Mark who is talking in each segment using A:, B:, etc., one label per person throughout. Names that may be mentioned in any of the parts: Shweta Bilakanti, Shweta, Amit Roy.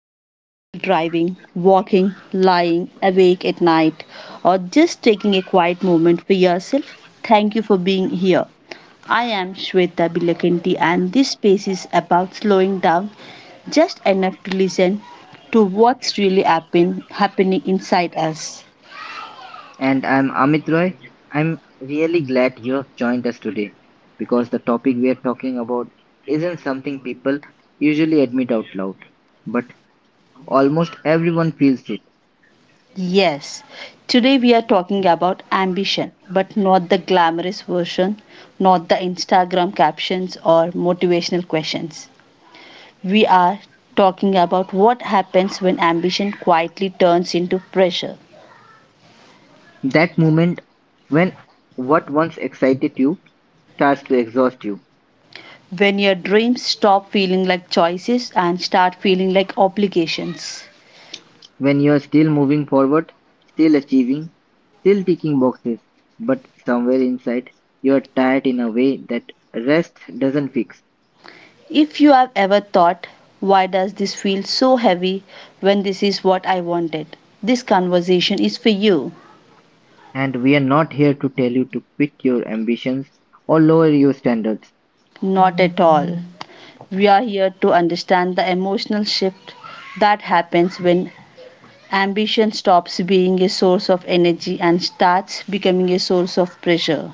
A: to this while driving, walking, lying awake at night, or just taking a quiet moment for yourself, thank you for being here. I am Shweta Bilakanti, and this space is about slowing down just enough to listen to what's really happening inside us.
B: And I'm Amit Roy. I'm really glad you have joined us today because the topic we are talking about isn't something people usually admit out loud, but almost everyone feels it.
A: Yes, today we are talking about ambition, but not the glamorous version, not the Instagram captions or motivational questions. We are talking about what happens when ambition quietly turns into pressure,
B: That moment when what once excited you starts to exhaust you,
A: when your dreams stop feeling like choices and start feeling like obligations.
B: when you're still moving forward, still achieving, still ticking boxes, but somewhere inside you're tired in a way that rest doesn't fix.
A: If you have ever thought, why does this feel so heavy when this is what I wanted? This conversation is for you.
B: And we're not here to tell you to quit your ambitions or lower your standards,
A: Not at all. We are here to understand the emotional shift that happens when ambition stops being a source of energy and starts becoming a source of pressure.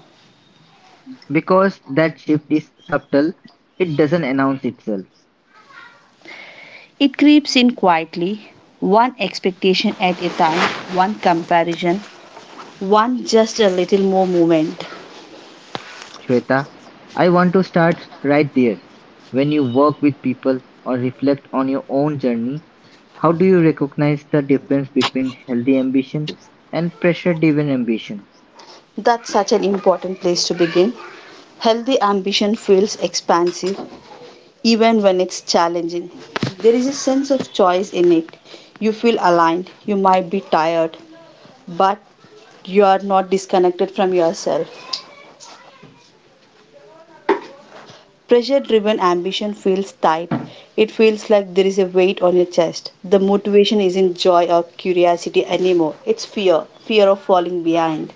B: because that shift is subtle, it doesn't announce itself.
A: It creeps in quietly, one expectation at a time, one comparison, one just a little more movement.
B: Shweta, I want to start right there. When you work with people or reflect on your own journey, how do you recognize the difference between healthy ambition and pressure driven ambition?
A: That's such an important place to begin. Healthy ambition feels expansive even when it's challenging. There is a sense of choice in it. You feel aligned, you might be tired, but you are not disconnected from yourself. Pressure driven ambition feels tight. It feels like there is a weight on your chest. The motivation isn't joy or curiosity anymore. It's fear fear of falling behind,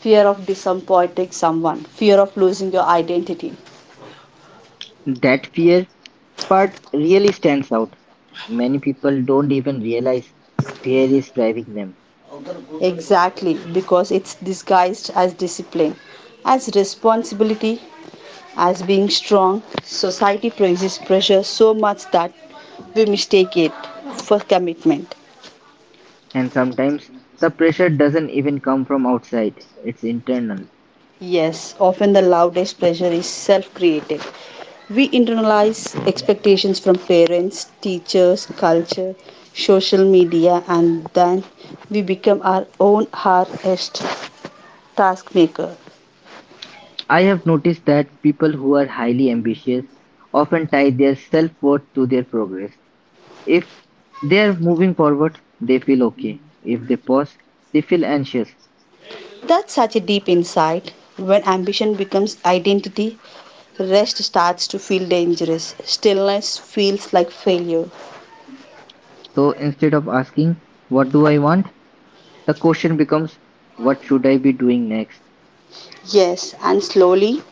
A: fear of disappointing someone, fear of losing your identity.
B: That fear part really stands out. Many people don't even realize fear is driving them.
A: Exactly, because it's disguised as discipline, as responsibility, as being strong. Society praises pressure so much that we mistake it for commitment.
B: And sometimes the pressure doesn't even come from outside, it's internal.
A: Yes, often the loudest pressure is self created. We internalize expectations from parents, teachers, culture, social media, and then we become our own hardest task maker.
B: I have noticed that people who are highly ambitious often tie their self worth to their progress. If they are moving forward, they feel okay. If they pause, they feel anxious.
A: That's such a deep insight. When ambition becomes identity, rest starts to feel dangerous. Stillness feels like failure.
B: So instead of asking, what do I want? The question becomes, what should I be doing next?
A: Yes, and slowly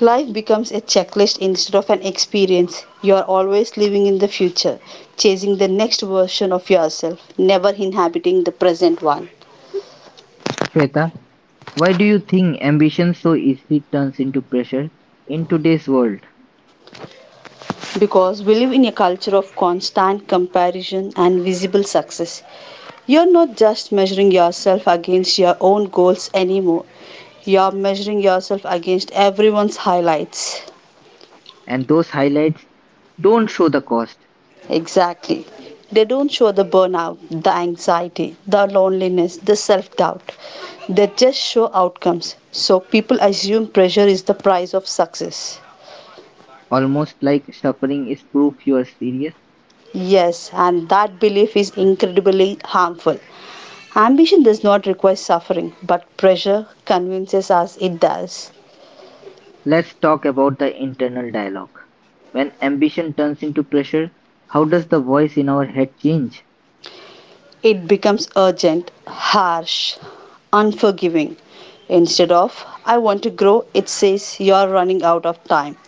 A: life becomes a checklist instead of an experience. You are always living in the future, chasing the next version of yourself, never inhabiting the present one.
B: Shweta, why do you think ambition so easily turns into pressure in today's world?
A: Because we live in a culture of constant comparison and visible success. You're not just measuring yourself against your own goals anymore, you're measuring yourself against everyone's highlights.
B: And those highlights don't show the cost,
A: Exactly. They don't show the burnout, the anxiety, the loneliness, the self doubt. They just show outcomes. So people assume pressure is the price of success.
B: almost like suffering is proof you are serious.
A: Yes, and that belief is incredibly harmful. Ambition does not require suffering, but pressure convinces us it does.
B: Let's talk about the internal dialogue. When ambition turns into pressure, how does the voice in our head change?
A: It becomes urgent, harsh, unforgiving. Instead of, I want to grow, it says, you are running out of time.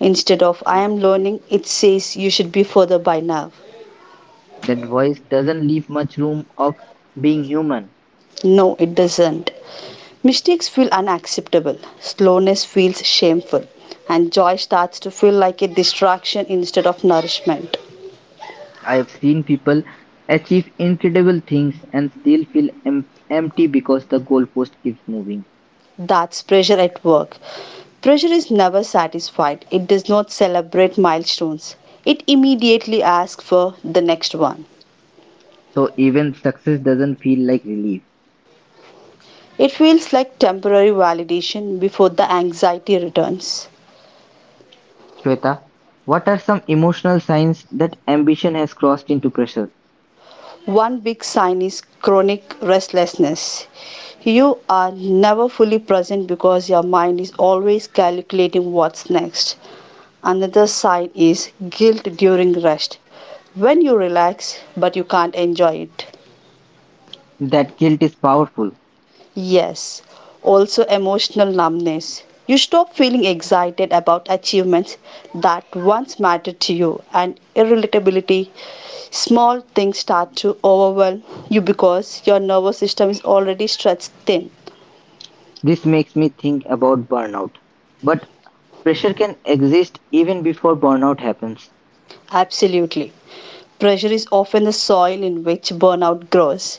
A: Instead of, I am learning, it says, you should be further by now.
B: That voice doesn't leave much room of being human.
A: No, it doesn't. Mistakes feel unacceptable, slowness feels shameful, and joy starts to feel like a distraction instead of nourishment.
B: I have seen people achieve incredible things and still feel empty because the goalpost keeps moving.
A: That's pressure at work. Pressure is never satisfied. It does not celebrate milestones. It immediately asks for the next one.
B: So even success doesn't feel like relief.
A: It feels like temporary validation before the anxiety returns.
B: Shweta, what are some emotional signs that ambition has crossed into pressure?
A: One big sign is chronic restlessness. You are never fully present because your mind is always calculating what's next. Another sign is guilt during rest. When you relax but you can't enjoy it,
B: That guilt is powerful.
A: yes, also emotional numbness. You stop feeling excited about achievements that once mattered to you, and irritability. Small things start to overwhelm you because your nervous system is already stretched thin.
B: This makes me think about burnout. But pressure can exist even before burnout happens.
A: Absolutely. Pressure is often the soil in which burnout grows.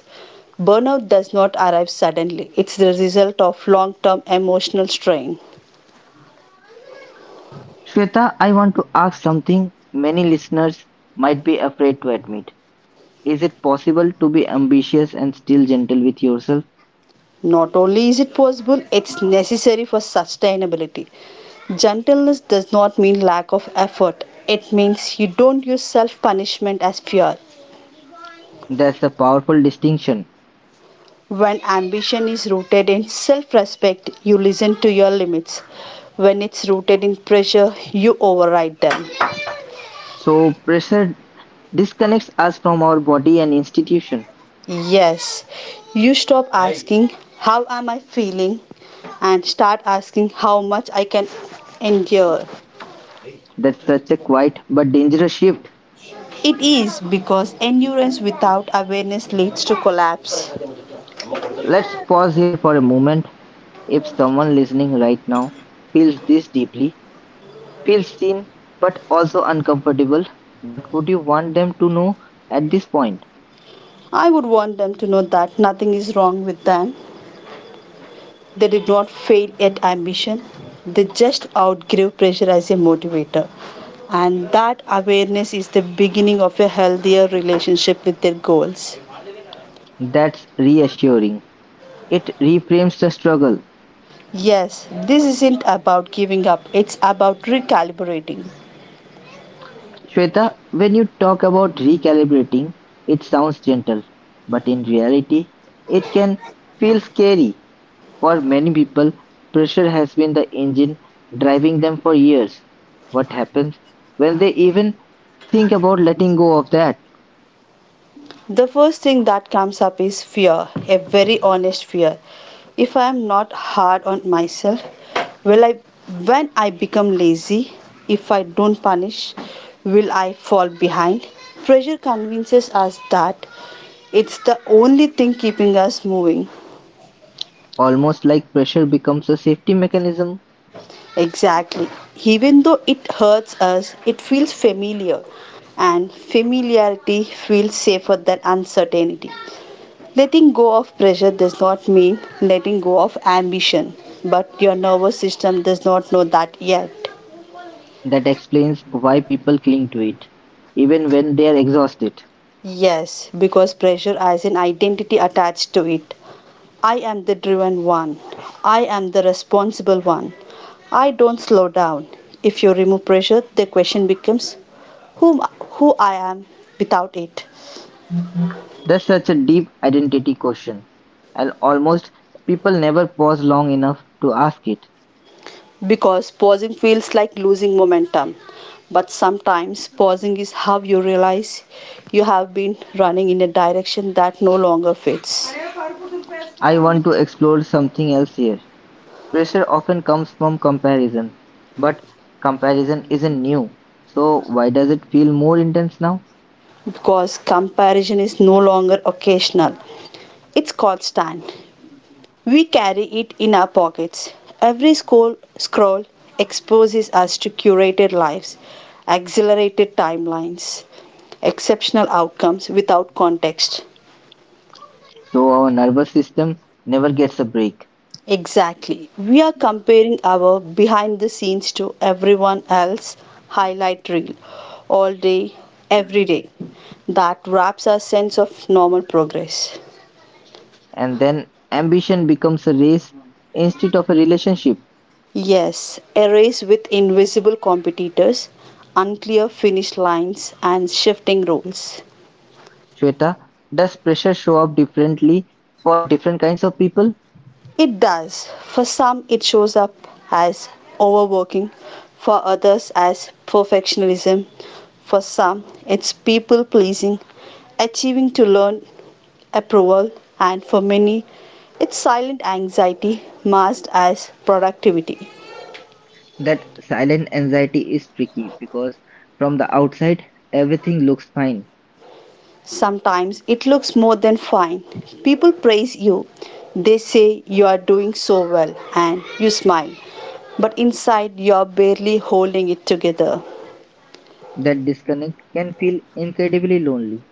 A: Burnout does not arrive suddenly, it's the result of long term emotional strain.
B: Shweta, I want to ask something many listeners might be afraid to admit. Is it possible to be ambitious and still gentle with yourself?
A: Not only is it possible, it's necessary for sustainability. Gentleness does not mean lack of effort. It means you don't use self punishment as fuel.
B: That's a powerful distinction.
A: When ambition is rooted in self respect, you listen to your limits. When it's rooted in pressure, you override them.
B: So, pressure disconnects us from our body and institution.
A: Yes, you stop asking, how am I feeling? And start asking, how much I can endure.
B: That's such a quiet but dangerous shift.
A: It is because endurance without awareness leads to collapse.
B: Let's pause here for a moment. If someone listening right now feels this deeply, feels seen, but also uncomfortable, what would you want them to know at this point?
A: I would want them to know that nothing is wrong with them. They did not fail at ambition. They just outgrew pressure as a motivator. And that awareness is the beginning of a healthier relationship with their goals.
B: That's reassuring. It reframes the struggle.
A: Yes, this isn't about giving up, it's about recalibrating.
B: Shweta, when you talk about recalibrating, it sounds gentle, but in reality, it can feel scary. For many people, pressure has been the engine driving them for years. What happens when they even think about letting go of that?
A: The first thing that comes up is fear, a very honest fear. If I am not hard on myself, will I when I become lazy, if I don't punish, will I fall behind? Pressure convinces us that it's the only thing keeping us moving.
B: Almost like pressure becomes a safety mechanism,
A: Exactly. Even though it hurts us, it feels familiar, and familiarity feels safer than uncertainty. Letting go of pressure does not mean letting go of ambition, but your nervous system does not know that yet.
B: that explains why people cling to it, even when they are exhausted.
A: Yes, because pressure has an identity attached to it. I am the driven one. I am the responsible one. I don't slow down. If you remove pressure, the question becomes whom, who I am without it.
B: That's such a deep identity question, and almost people never pause long enough to ask it.
A: Because pausing feels like losing momentum. But sometimes pausing is how you realize you have been running in a direction that no longer fits.
B: I want to explore something else here. Pressure often comes from comparison, but comparison isn't new. So why does it feel more intense now?
A: Because comparison is no longer occasional, it's constant. We carry it in our pockets. Every scroll exposes us to curated lives, accelerated timelines, exceptional outcomes without context.
B: So our nervous system never gets a break.
A: Exactly. We are comparing our behind the scenes to everyone else highlight reel all day, every day. That wraps our sense of normal progress.
B: And then ambition becomes a race instead of a relationship.
A: Yes, a race with invisible competitors, unclear finish lines, and shifting roles.
B: Shweta, does pressure show up differently for different kinds of people?
A: It does. For some, it shows up as overworking, for others, as perfectionism. For some, it's people pleasing, achieving to learn approval, and for many, it's silent anxiety masked as productivity.
B: That silent anxiety is tricky because from the outside everything looks fine.
A: Sometimes it looks more than fine. People praise you, they say you are doing so well, and you smile, but inside you are barely holding it together.
B: That disconnect can feel incredibly lonely.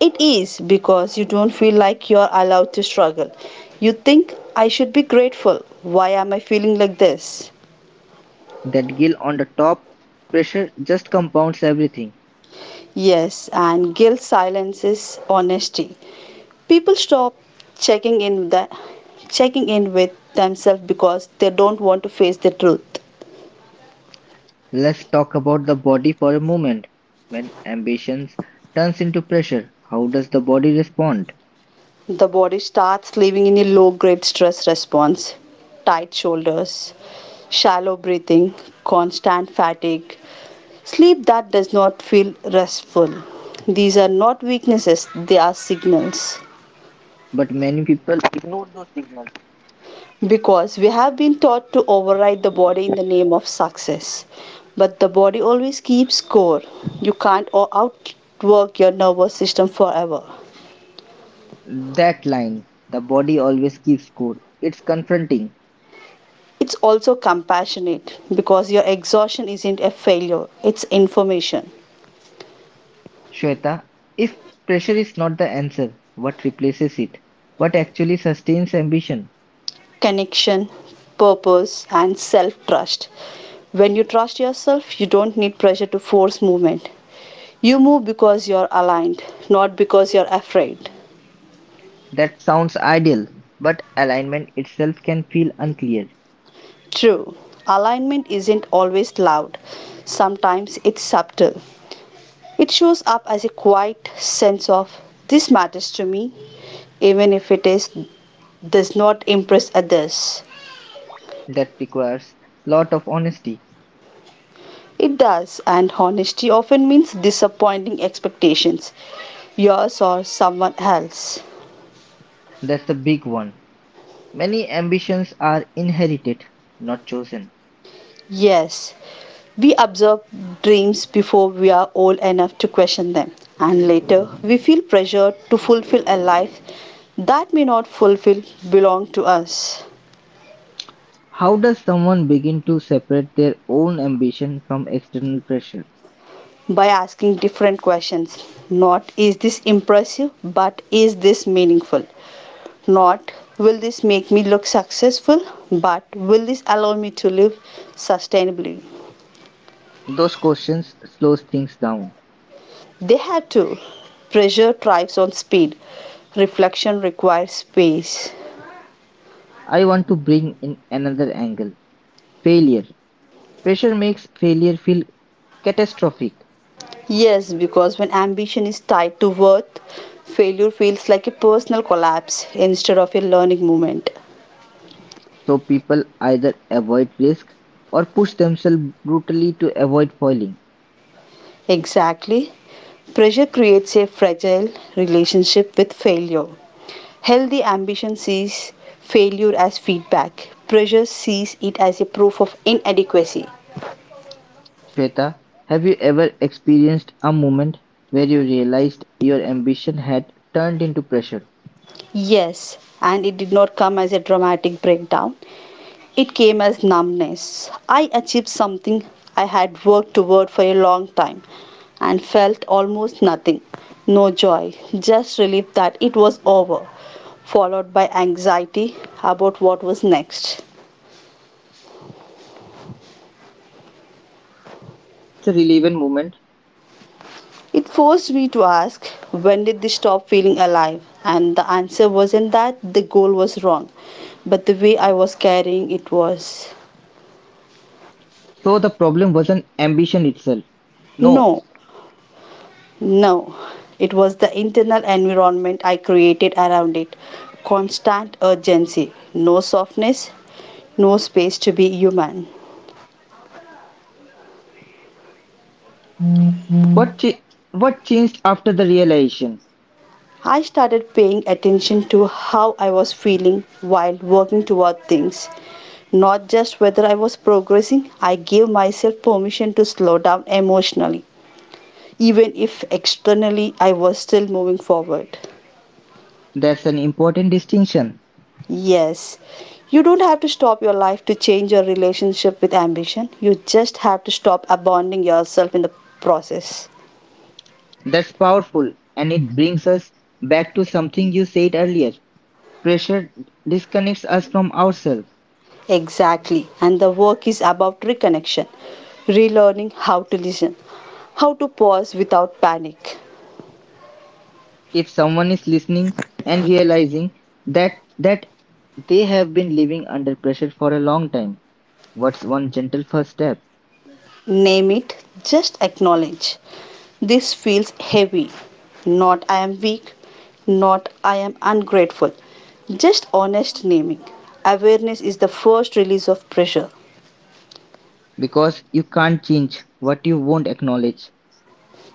A: It is because you don't feel like you are allowed to struggle. You think, I should be grateful. Why am I feeling like this?
B: That gill on the top, pressure just compounds everything.
A: Yes, and guilt silences honesty. People stop checking in the checking in with themselves because they don't want to face the truth.
B: Let's talk about the body for a moment. When ambition turns into pressure, how does the body respond?
A: The body starts living in a low grade stress response, tight shoulders, shallow breathing, constant fatigue, sleep that does not feel restful. These are not weaknesses, they are signals.
B: But many people ignore those signals.
A: Because we have been taught to override the body in the name of success. But the body always keeps score. You can't outwork your nervous system forever.
B: That line, the body always keeps score. It's confronting.
A: It's also compassionate because your exhaustion isn't a failure, it's information.
B: Shweta, if pressure is not the answer, what replaces it? What actually sustains ambition?
A: Connection, purpose, and self trust. When you trust yourself, you don't need pressure to force movement. You move because you're aligned, not because you're afraid.
B: That sounds ideal, but alignment itself can feel unclear.
A: True, alignment isn't always loud, sometimes it's subtle. It shows up as a quiet sense of this matters to me, even if it is does not impress others.
B: That requires lot of honesty.
A: It does, and honesty often means disappointing expectations, yours or someone else.
B: That's the big one. Many ambitions are inherited, not chosen.
A: Yes, we absorb dreams before we are old enough to question them, and later we feel pressured to fulfill a life that may not fulfill belong to us.
B: How does someone begin to separate their own ambition from external pressure?
A: By asking different questions. Not is this impressive, but is this meaningful? Not will this make me look successful, but will this allow me to live sustainably?
B: Those questions slows things down.
A: They have to. Pressure thrives on speed. Reflection requires space.
B: I want to bring in another angle. Failure. Pressure makes failure feel catastrophic.
A: Yes, because when ambition is tied to worth, failure feels like a personal collapse instead of a learning moment.
B: So people either avoid risk or push themselves brutally to avoid falling.
A: Exactly. Pressure creates a fragile relationship with failure. Healthy ambition sees failure as feedback, pressure sees it as a proof of inadequacy.
B: Shweta, have you ever experienced a moment where you realized your ambition had turned into pressure?
A: Yes, and it did not come as a dramatic breakdown. It came as numbness. I achieved something I had worked toward for a long time and felt almost nothing. No joy, just relief that it was over, followed by anxiety about what was next.
B: The relevant moment.
A: It forced me to ask, when did they stop feeling alive? And the answer wasn't that the goal was wrong, but the way I was carrying it was.
B: So the problem wasn't ambition itself. No.
A: No, no, it was the internal environment I created around it. Constant urgency, no softness, no space to be human.
B: What ch- what changed after the realization?
A: I started paying attention to how I was feeling while working toward things, not just whether I was progressing. I gave myself permission to slow down emotionally, even if externally I was still moving forward.
B: That's an important distinction.
A: Yes, you don't have to stop your life to change your relationship with ambition. You just have to stop abandoning yourself in the process.
B: That's powerful, and it brings us back to something you said earlier. Pressure disconnects us from ourselves.
A: Exactly. And the work is about reconnection, relearning how to listen, how to pause without panic.
B: If someone is listening and realizing that they have been living under pressure for a long time, what's one gentle first step?
A: Name it, just acknowledge. This feels heavy. Not I am weak, not I am ungrateful. Just honest naming. Awareness is the first release of pressure.
B: Because you can't change what you won't acknowledge.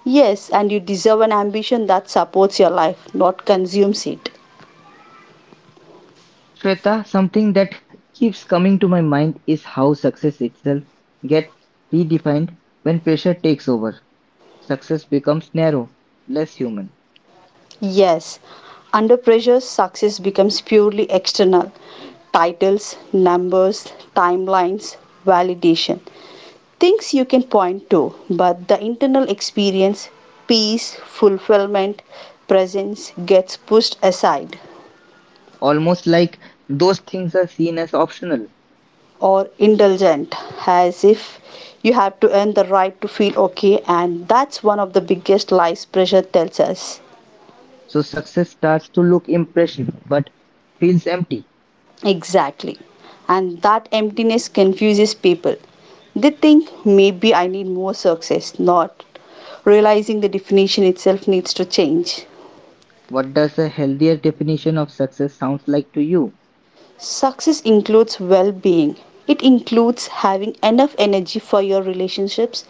A: Yes, and you deserve an ambition that supports your life, not consumes it.
B: Shweta, something that keeps coming to my mind is how success itself gets redefined when pressure takes over. Success becomes narrow, less human,
A: Yes, under pressure, success becomes purely external, titles, numbers, timelines, validation. Things you can point to, but the internal experience, peace, fulfillment, presence gets pushed aside
B: almost like those things are seen as optional.
A: or indulgent as if you have to earn the right to feel okay, and that's one of the biggest lies pressure tells us.
B: So success starts to look impressive but feels empty.
A: Exactly. And that emptiness confuses people. They think maybe I need more success, not realizing the definition itself needs to change.
B: What does a healthier definition of success sounds like to you?
A: Success includes well being, it includes having enough energy for your relationships,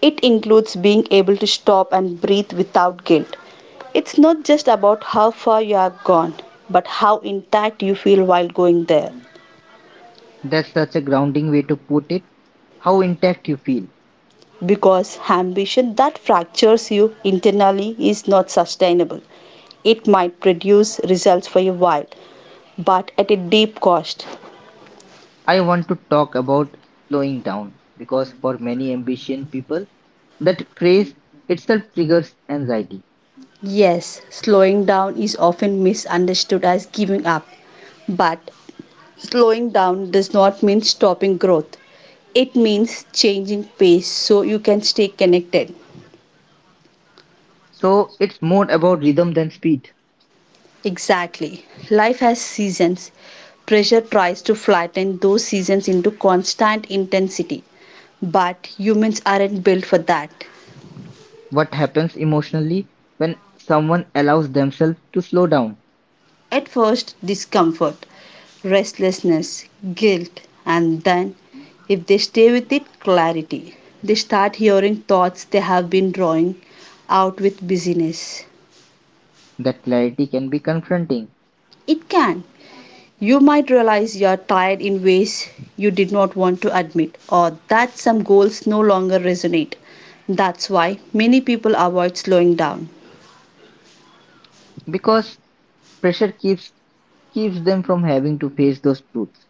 A: it includes being able to stop and breathe without guilt. It's not just about how far you have gone, but how intact you feel while going there.
B: That's such a grounding way to put it. How intact you feel.
A: Because ambition that fractures you internally is not sustainable. It might produce results for a while, but at a deep cost.
B: I want to talk about slowing down because for many ambitious people, that phrase itself triggers anxiety.
A: Yes, slowing down is often misunderstood as giving up, but slowing down does not mean stopping growth. It means changing pace so you can stay connected.
B: So it's more about rhythm than speed.
A: Exactly. Life has seasons. Pressure tries to flatten those seasons into constant intensity. But humans aren't built for that.
B: What happens emotionally when someone allows themselves to slow down?
A: At first, discomfort, restlessness, guilt, and then, if they stay with it, clarity. They start hearing thoughts they have been drawing out with busyness.
B: That clarity can be confronting
A: It can. You might realize you're tired in ways you did not want to admit, or that some goals no longer resonate. That's why many people avoid slowing down.
B: because pressure keeps them from having to face those truths.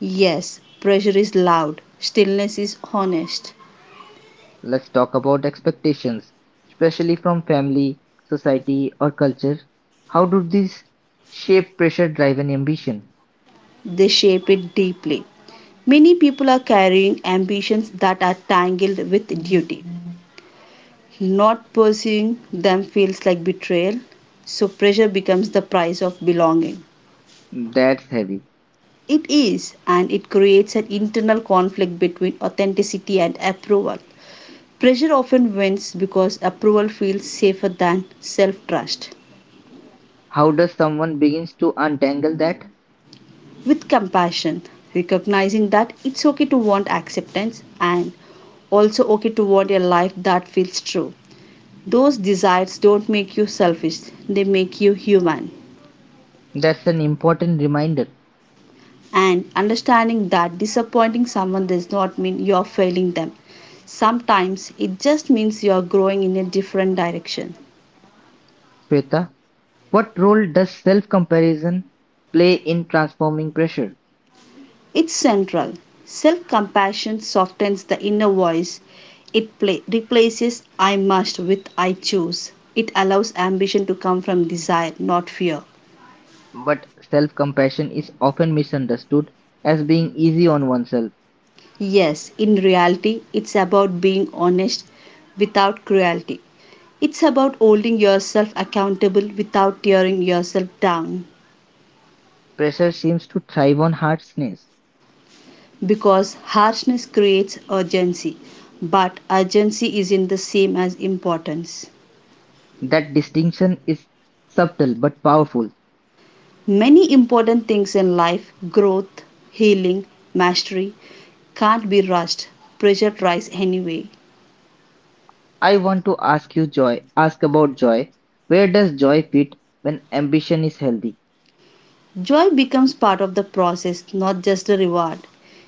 A: Yes, pressure is loud, stillness is honest.
B: Let's talk about expectations, especially from family, society, or culture. How do these shape pressure driven ambition?
A: They shape it deeply. Many people are carrying ambitions that are tangled with duty. Not pursuing them feels like betrayal, so pressure becomes the price of belonging.
B: That's heavy.
A: It is, and it creates an internal conflict between authenticity and approval. Pressure often wins because approval feels safer than self trust.
B: How does someone begins to untangle that?
A: With compassion, recognizing that it's okay to want acceptance and also okay to want a life that feels true. Those desires don't make you selfish, they make you human.
B: That's an important reminder.
A: And understanding that disappointing someone does not mean you're failing them. Sometimes it just means you're growing in a different direction.
B: Shweta, what role does self-comparison play in transforming pressure?
A: It's central. Self compassion softens the inner voice. It replaces I must with I choose. It allows ambition to come from desire, not fear.
B: But self-compassion is often misunderstood as being easy on oneself.
A: Yes, in reality, it's about being honest without cruelty. It's about holding yourself accountable without tearing yourself down.
B: Pressure seems to thrive on harshness.
A: Because harshness creates urgency, but urgency isn't the same as importance.
B: That distinction is subtle but powerful.
A: Many important things in life, growth, healing, mastery, can't be rushed. Pressure tries anyway.
B: I want to ask you joy, ask about joy. Where does joy fit when ambition is healthy
A: Joy becomes part of the process, not just the reward.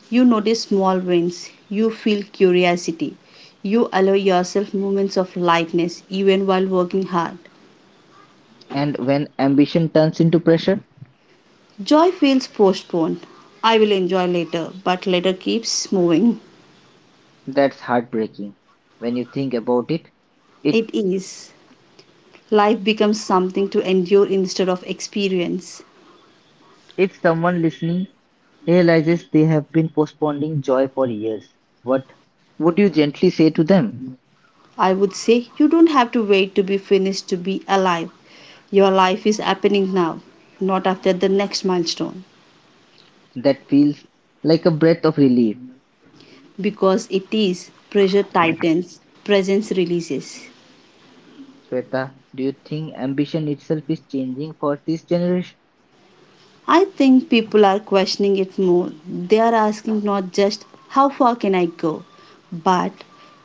A: You notice small wins, you feel curiosity, you allow yourself moments of lightness even while working hard.
B: and when ambition turns into pressure?
A: Joy feels postponed. I will enjoy later, but later keeps moving.
B: That's heartbreaking when you think about it. It
A: It is. Life becomes something to endure instead of experience.
B: if someone listening realizes they have been postponing joy for years, what would you gently say to them?
A: I would say you don't have to wait to be finished to be alive. Your life is happening now, not after the next milestone.
B: That feels like a breath of relief.
A: Because it is, pressure tightens, presence releases.
B: Shweta, do you think ambition itself is changing for this generation?
A: I think people are questioning it more. They are asking not just how far can I go, but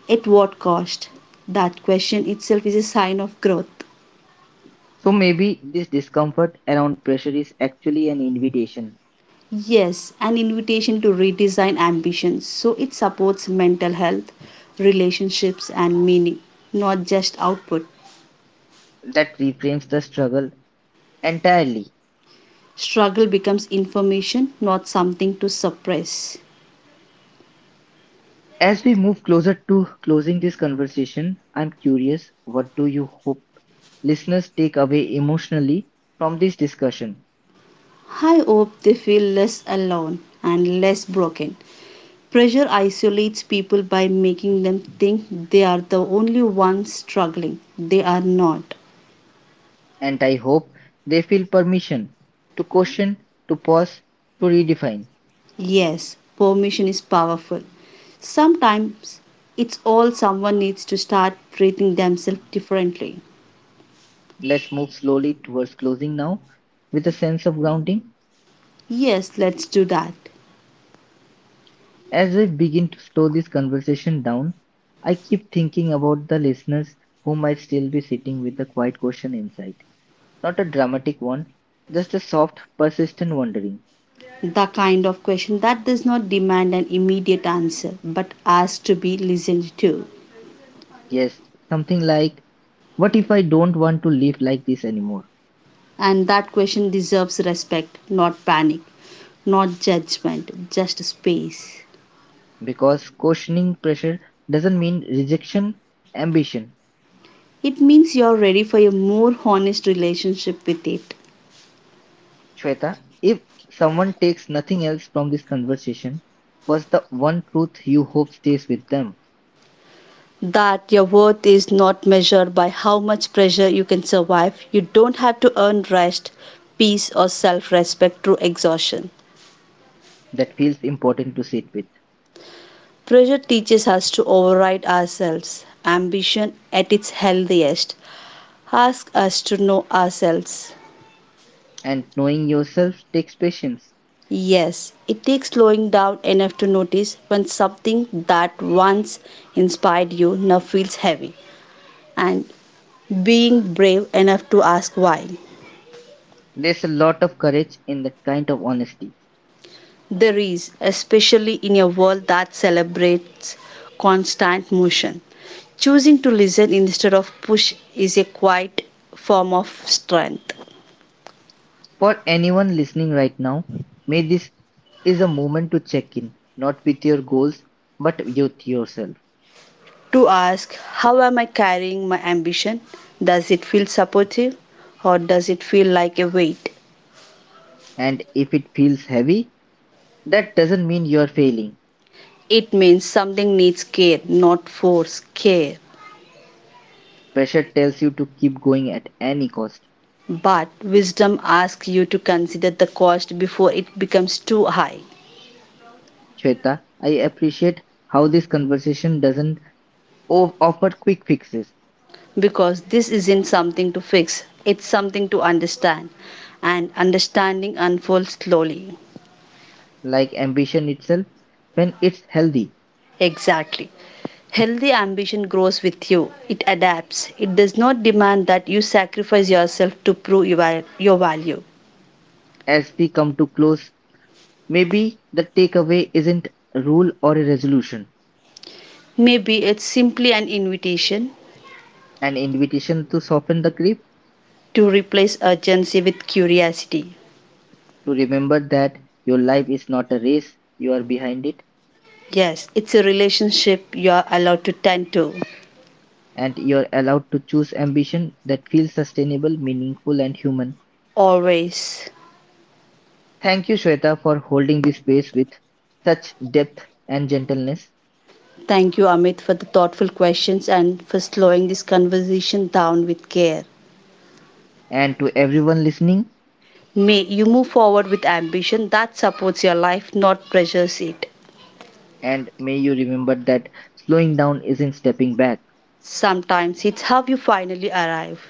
A: at what cost. That question itself is a sign of growth.
B: So maybe this discomfort around pressure is actually an invitation
A: Yes, an invitation to redesign ambitions so it supports mental health, relationships, and meaning, not just output.
B: that reframes the struggle entirely.
A: Struggle becomes information, not something to suppress.
B: As we move closer to closing this conversation, I'm curious, what do you hope listeners take away emotionally from this discussion?
A: I hope they feel less alone and less broken. Pressure isolates people by making them think they are the only ones struggling. They are not.
B: And I hope they feel permission to question, to pause, to redefine.
A: Yes, permission is powerful. Sometimes it's all someone needs to start treating themselves differently.
B: Let's move slowly towards closing now with a sense of grounding.
A: Yes, let's do that.
B: As I begin to slow this conversation down, I keep thinking about the listeners who might still be sitting with a quiet question inside. Not a dramatic one, just a soft, persistent wondering.
A: The kind of question that does not demand an immediate answer but asks to be listened to.
B: Yes, something like, what if I don't want to live like this anymore?
A: And that question deserves respect, not panic, not judgment, just space.
B: Because questioning pressure doesn't mean rejection, ambition.
A: It means you're ready for a more honest relationship with it.
B: Shweta, if someone takes nothing else from this conversation, what's the one truth you hope stays with them,
A: That your worth is not measured by how much pressure you can survive. You don't have to earn rest, peace, or self respect through exhaustion.
B: that feels important to sit with?
A: Pressure teaches us to override ourselves. Ambition, at its healthiest, asks us to know ourselves.
B: And knowing yourself takes patience.
A: Yes, it takes slowing down enough to notice when something that once inspired you now feels heavy. And being brave enough to ask why.
B: There's a lot of courage in that kind of honesty.
A: There is, especially in a world that celebrates constant motion. Choosing to listen instead of push is a quiet form of strength.
B: For anyone listening right now, may this is a moment to check in, not with your goals, but with yourself.
A: To ask, how am I carrying my ambition? Does it feel supportive or does it feel like a weight?
B: And if it feels heavy, that doesn't mean you're failing.
A: It means something needs care, not force, care.
B: Pressure tells you to keep going at any cost.
A: But wisdom asks you to consider the cost before it becomes too high.
B: Shweta, I appreciate how this conversation doesn't offer quick fixes
A: Because this isn't something to fix, it's something to understand, and understanding unfolds slowly.
B: like ambition itself when it's healthy.
A: Exactly. Healthy ambition grows with you, it adapts, it does not demand that you sacrifice yourself to prove your your value.
B: As we come to close, maybe the takeaway isn't a rule or a resolution,
A: Maybe it's simply an invitation
B: an invitation to soften the grip,
A: to replace urgency with curiosity.
B: to remember that your life is not a race, you are behind it,
A: Yes, it's a relationship you are allowed to tend to.
B: and you're allowed to choose ambition that feels sustainable, meaningful, and human.
A: Always.
B: Thank you, Shweta, for holding this space with such depth and gentleness.
A: Thank you, Amit, for the thoughtful questions and for slowing this conversation down with care.
B: And to everyone listening,
A: May you move forward with ambition that supports your life, not pressures it.
B: and may you remember that slowing down isn't stepping back.
A: Sometimes it's how you finally arrive.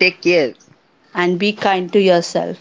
B: Take care.
A: And be kind to yourself.